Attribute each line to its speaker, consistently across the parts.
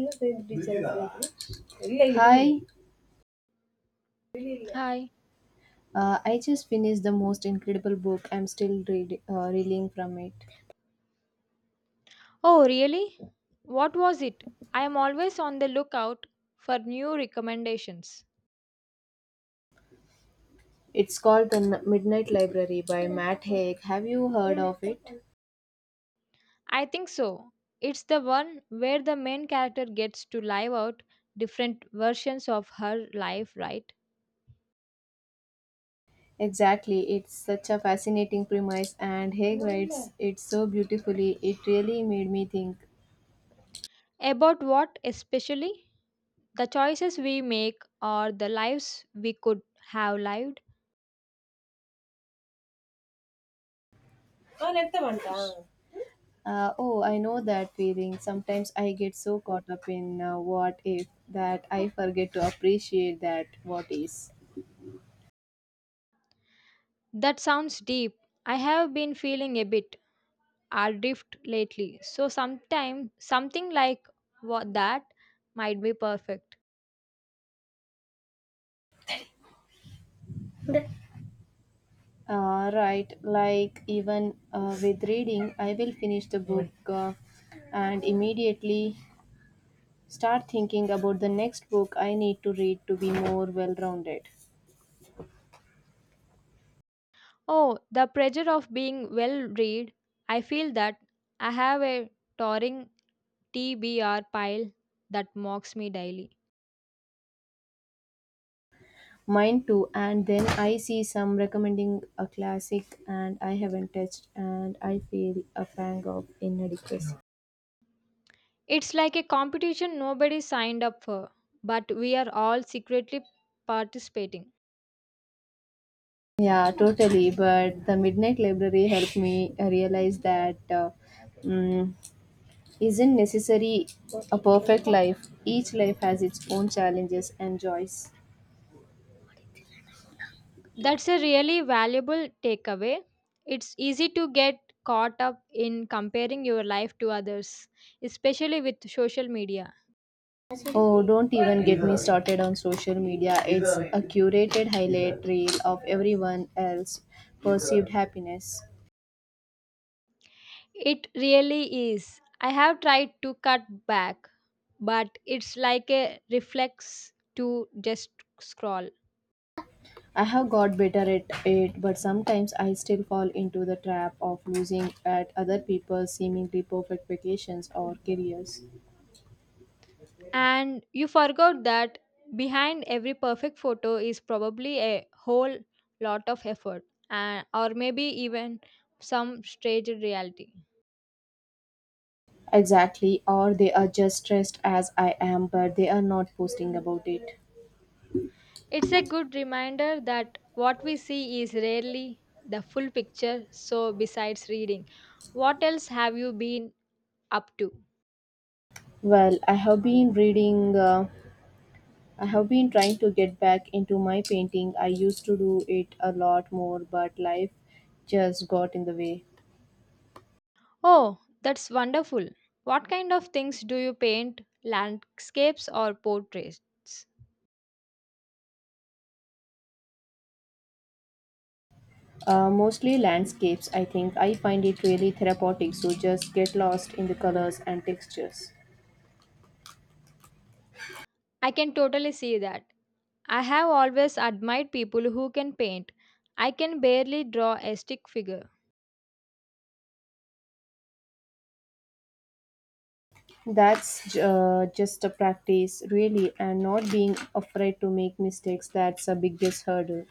Speaker 1: Hi,
Speaker 2: Hi.
Speaker 1: I just finished the most incredible book. I'm still reeling from it.
Speaker 2: Oh, really? What was it? I am always on the lookout for new recommendations.
Speaker 1: It's called Midnight Library by Matt Haig. Have you heard of it?
Speaker 2: I think so. It's the one where the main character gets to live out different versions of her life, right?
Speaker 1: Exactly. It's such a fascinating premise, and Haig writes it so beautifully. It really made me think.
Speaker 2: About what especially? The choices we make or the lives we could have lived?
Speaker 1: Oh, I know that feeling. Sometimes I get so caught up in what if that I forget to appreciate that what is.
Speaker 2: That sounds deep. I have been feeling a bit adrift lately, so sometimes something like what that might be perfect.
Speaker 1: Right, like even with reading, I will finish the book and immediately start thinking about the next book I need to read to be more well rounded.
Speaker 2: Oh, the pressure of being well read. I feel that I have a towering TBR pile that mocks me daily.
Speaker 1: Mine too, and then I see some recommending a classic and I haven't touched, and I feel a pang of inadequacy.
Speaker 2: It's like a competition nobody signed up for, but we are all secretly participating.
Speaker 1: Yeah, totally. But the Midnight Library helped me realize that mm, isn't necessary a perfect life. Each life has its own challenges and joys.
Speaker 2: That's a really valuable takeaway. It's easy to get caught up in comparing your life to others, especially with social media.
Speaker 1: Oh, don't even get me started on social media. It's a curated highlight reel of everyone else's perceived happiness.
Speaker 2: It really is. I have tried to cut back, but it's like a reflex to just scroll.
Speaker 1: I have got better at it, but sometimes I still fall into the trap of losing at other people's seemingly perfect vacations or careers.
Speaker 2: And you forgot that behind every perfect photo is probably a whole lot of effort, and, or maybe even some strange reality.
Speaker 1: Exactly, or they are just stressed as I am, but they are not posting about it.
Speaker 2: It's a good reminder that what we see is rarely the full picture. So, besides reading, what else have you been up to?
Speaker 1: Well, I have been trying to get back into my painting. I used to do it a lot more, but life just got in the way.
Speaker 2: Oh, that's wonderful. What kind of things do you paint? Landscapes or portraits?
Speaker 1: Mostly landscapes, I think. I find it really therapeutic, so just get lost in the colors and textures.
Speaker 2: I can totally see that. I have always admired people who can paint. I can barely draw a stick figure.
Speaker 1: That's just a practice, really, and not being afraid to make mistakes. That's a biggest hurdle.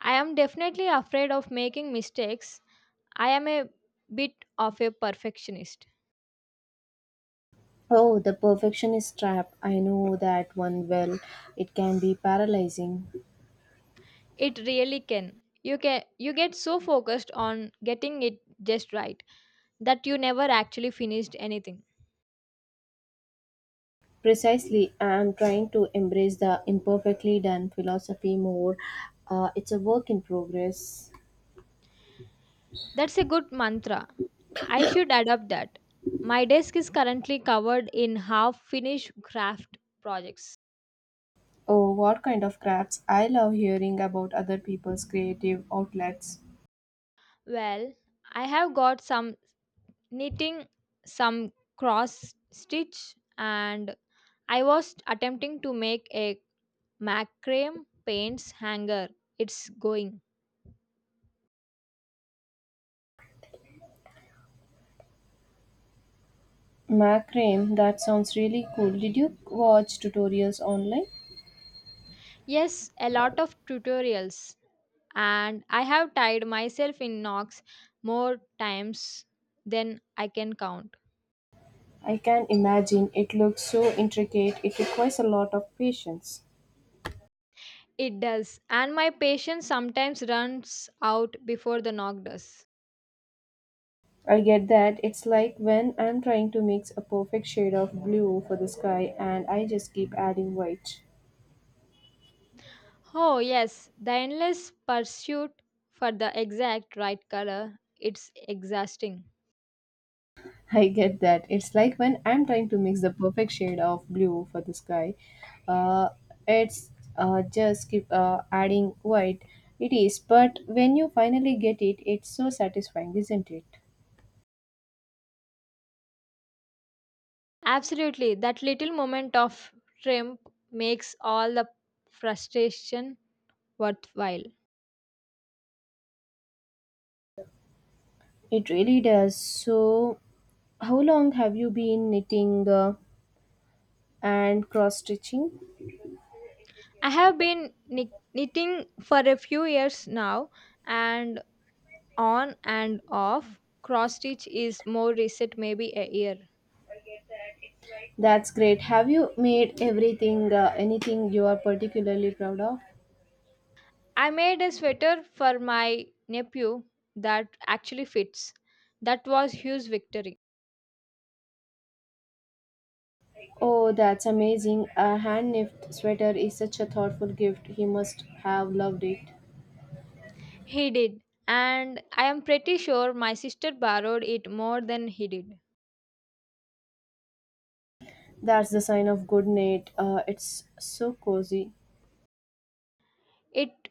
Speaker 2: I am definitely afraid of making mistakes. I am a bit of a perfectionist.
Speaker 1: Oh, the perfectionist trap. I know that one well. It can be paralyzing.
Speaker 2: It really can. You get so focused on getting it just right that you never actually finished anything.
Speaker 1: Precisely, I'm trying to embrace the imperfectly done philosophy more. It's a work in progress.
Speaker 2: That's a good mantra. I should adopt that. My desk is currently covered in half finished craft projects.
Speaker 1: Oh, what kind of crafts? I love hearing about other people's creative outlets.
Speaker 2: Well, I have got some knitting, some cross stitch, and I was attempting to make a macrame paints hanger. It's going.
Speaker 1: Macrame, that sounds really cool. Did you watch tutorials online?
Speaker 2: Yes, a lot of tutorials, and I have tied myself in knots more times than I can count.
Speaker 1: I can imagine it looks so intricate, it requires a lot of patience.
Speaker 2: It does. And my patience sometimes runs out before the knock does.
Speaker 1: I get that. It's like when I'm trying to mix a perfect shade of blue for the sky and I just keep adding white.
Speaker 2: Oh, yes, the endless pursuit for the exact right color. It's exhausting.
Speaker 1: I get that. It's like when I'm trying to mix the perfect shade of blue for the sky. Uh, it's Just keep adding white. It is, but when you finally get it, it's so satisfying, isn't it?
Speaker 2: Absolutely. That little moment of triumph makes all the frustration worthwhile.
Speaker 1: It really does. So, how long have you been knitting and cross stitching?
Speaker 2: I have been knitting for a few years now, and on and off cross stitch is more recent, maybe a year.
Speaker 1: That's great. Have you made anything you are particularly proud of?
Speaker 2: I made a sweater for my nephew that actually fits. That was huge victory.
Speaker 1: Oh, that's amazing. A hand knit sweater is such a thoughtful gift. He must have loved it.
Speaker 2: He did, and I am pretty sure my sister borrowed it more than he did.
Speaker 1: That's the sign of good knit. It's so cozy.
Speaker 2: It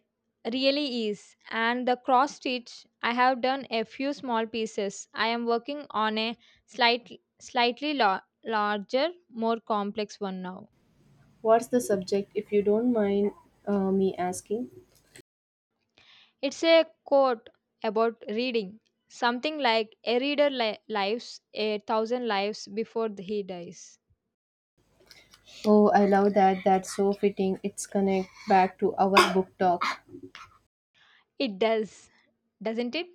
Speaker 2: really is, and the cross stitch I have done a few small pieces. I am working on a slightly larger, more complex one now.
Speaker 1: What's the subject, if you don't mind me asking?
Speaker 2: It's a quote about reading, something like a reader lives a thousand lives before he dies.
Speaker 1: Oh, I love that. That's so fitting. It's connect back to our book talk.
Speaker 2: It does, doesn't it?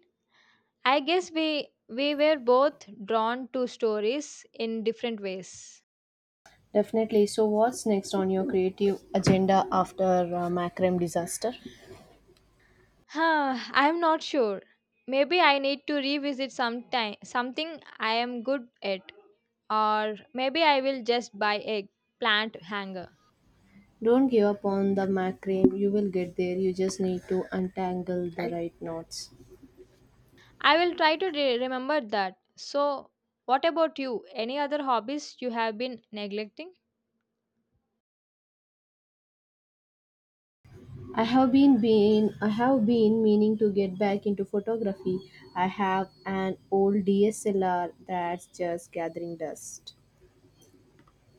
Speaker 2: I guess we were both drawn to stories in different ways.
Speaker 1: Definitely. So, what's next on your creative agenda after Macrame disaster?
Speaker 2: Huh, I'm not sure. Maybe I need to revisit sometime something I am good at, or maybe I will just buy a plant hanger.
Speaker 1: Don't give up on the Macrame. You will get there. You just need to untangle the right knots.
Speaker 2: I will try to remember that. So, what about you? Any other hobbies you have been neglecting?
Speaker 1: I have been meaning to get back into photography. I have an old DSLR that's just gathering dust.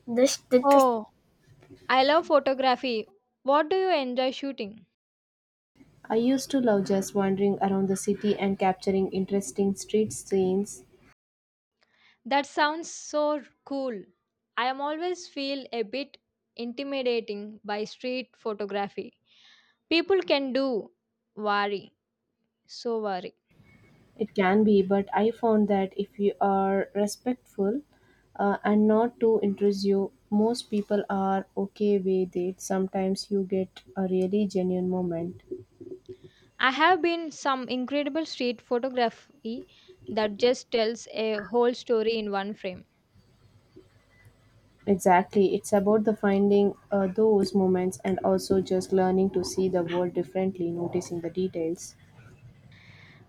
Speaker 1: This, this this-
Speaker 2: Oh, I love photography. What do you enjoy shooting?
Speaker 1: I used to love just wandering around the city and capturing interesting street scenes.
Speaker 2: That sounds so cool. I am always feel a bit intimidating by street photography. People can do worry, so worry.
Speaker 1: It can be, but I found that if you are respectful and not too intrusive, most people are okay with it. Sometimes you get a really genuine moment.
Speaker 2: I have been some incredible street photography that just tells a whole story in one frame.
Speaker 1: Exactly. It's about the finding those moments and also just learning to see the world differently, noticing the details.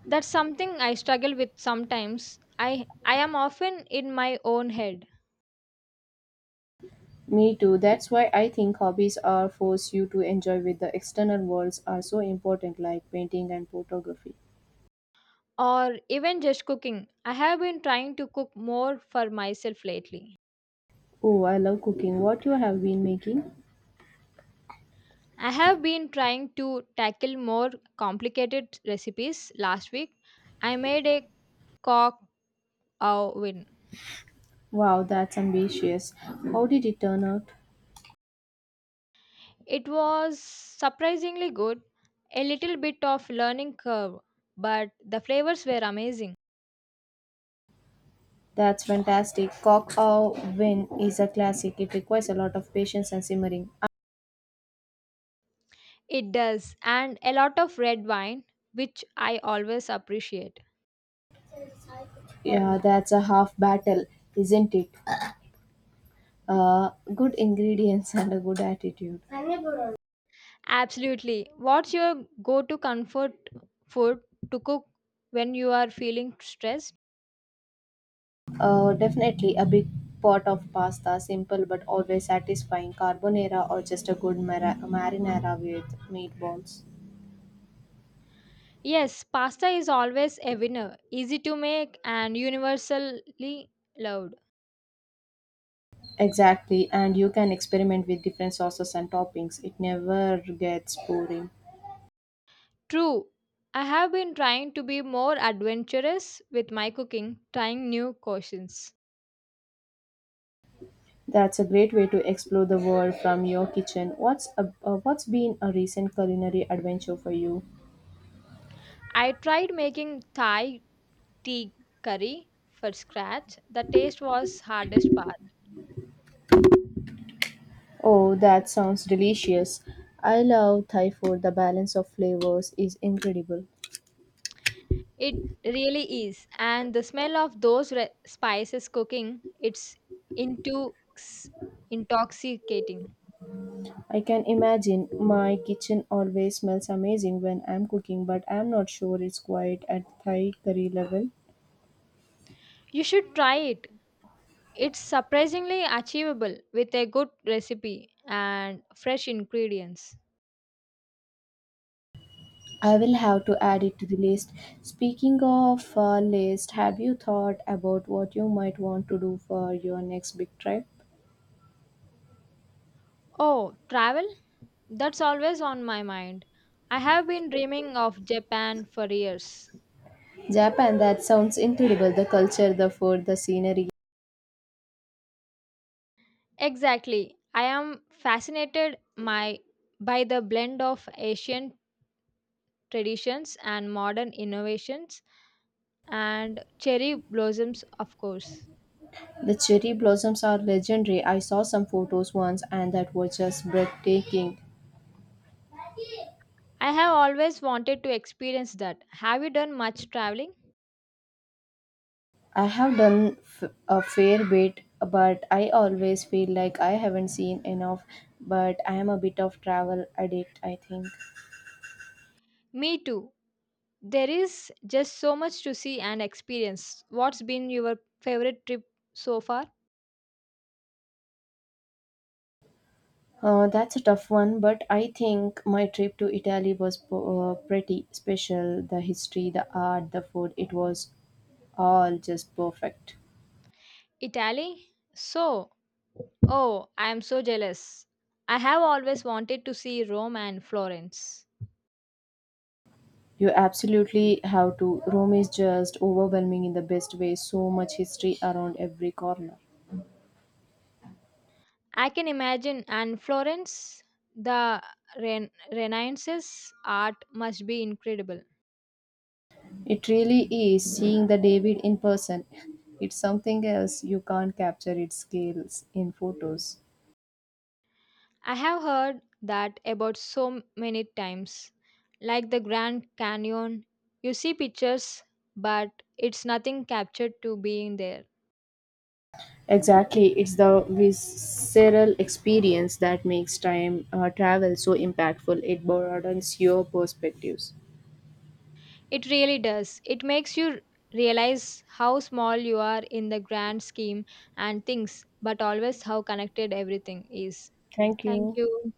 Speaker 2: That's something I struggle with sometimes. I am often in my own head,
Speaker 1: Me too. That's why I think hobbies are force you to enjoy with the external worlds are so important like painting and photography.
Speaker 2: or even just cooking. I have been trying to cook more for myself lately.
Speaker 1: Oh, I love cooking. What you have been making?
Speaker 2: I have been trying to tackle more complicated recipes. Last week, I made a cock oven.
Speaker 1: Wow, that's ambitious. How did it turn out?
Speaker 2: It was surprisingly good. A little bit of learning curve, but the flavors were amazing.
Speaker 1: That's fantastic. Cock au vin is a classic. It requires a lot of patience and simmering.
Speaker 2: It does, and a lot of red wine, which I always appreciate.
Speaker 1: Yeah, that's a half battle, isn't it? Good ingredients and a good attitude.
Speaker 2: Absolutely. What's your go to comfort food to cook when you are feeling stressed?
Speaker 1: Definitely a big pot of pasta, simple but always satisfying carbonara or just a good marinara with meatballs.
Speaker 2: Yes, pasta is always a winner, easy to make and universally loved.
Speaker 1: Exactly, and you can experiment with different sauces and toppings. It never gets boring.
Speaker 2: True, I have been trying to be more adventurous with my cooking, trying new cuisines.
Speaker 1: That's a great way to explore the world from your kitchen. What's been a recent culinary adventure for you?
Speaker 2: I tried making Thai tea curry for scratch. The taste was hardest part.
Speaker 1: Oh, that sounds delicious. I love Thai food. The balance of flavors is incredible.
Speaker 2: It really is. And the smell of those spices cooking, it's intox- intoxicating.
Speaker 1: I can imagine my kitchen always smells amazing when I'm cooking, but I'm not sure it's quite at Thai curry level.
Speaker 2: You should try it. It's surprisingly achievable with a good recipe and fresh ingredients.
Speaker 1: I will have to add it to the list. Speaking of list, have you thought about what you might want to do for your next big trip?
Speaker 2: Oh, travel? That's always on my mind. I have been dreaming of Japan for years.
Speaker 1: Japan, that sounds incredible. The culture, the food, the scenery.
Speaker 2: Exactly. I am fascinated my by the blend of Asian traditions and modern innovations, and cherry blossoms, of course.
Speaker 1: The cherry blossoms are legendary. I saw some photos once and that was just breathtaking.
Speaker 2: I have always wanted to experience that. Have you done much traveling?
Speaker 1: I have done a fair bit, but I always feel like I haven't seen enough. But I am a bit of travel addict, I think.
Speaker 2: Me too. There is just so much to see and experience. What's been your favorite trip so far?
Speaker 1: That's a tough one, but I think my trip to Italy was pretty special. The history, the art, the food, it was all just perfect.
Speaker 2: Italy? So, oh, I am so jealous. I have always wanted to see Rome and Florence.
Speaker 1: You absolutely have to. Rome is just overwhelming in the best way, so much history around every corner.
Speaker 2: I can imagine, and Florence, the Renaissance art must be incredible.
Speaker 1: It really is seeing the David in person. It's something else. You can't capture its scales in photos.
Speaker 2: I have heard that about so many times. Like the Grand Canyon, you see pictures, but it's nothing captured to being there.
Speaker 1: Exactly. It's the visceral experience that makes time travel so impactful. It broadens your perspectives.
Speaker 2: It really does. It makes you realize how small you are in the grand scheme and things, but always how connected everything is.
Speaker 1: Thank
Speaker 2: Thank
Speaker 1: you.
Speaker 2: you.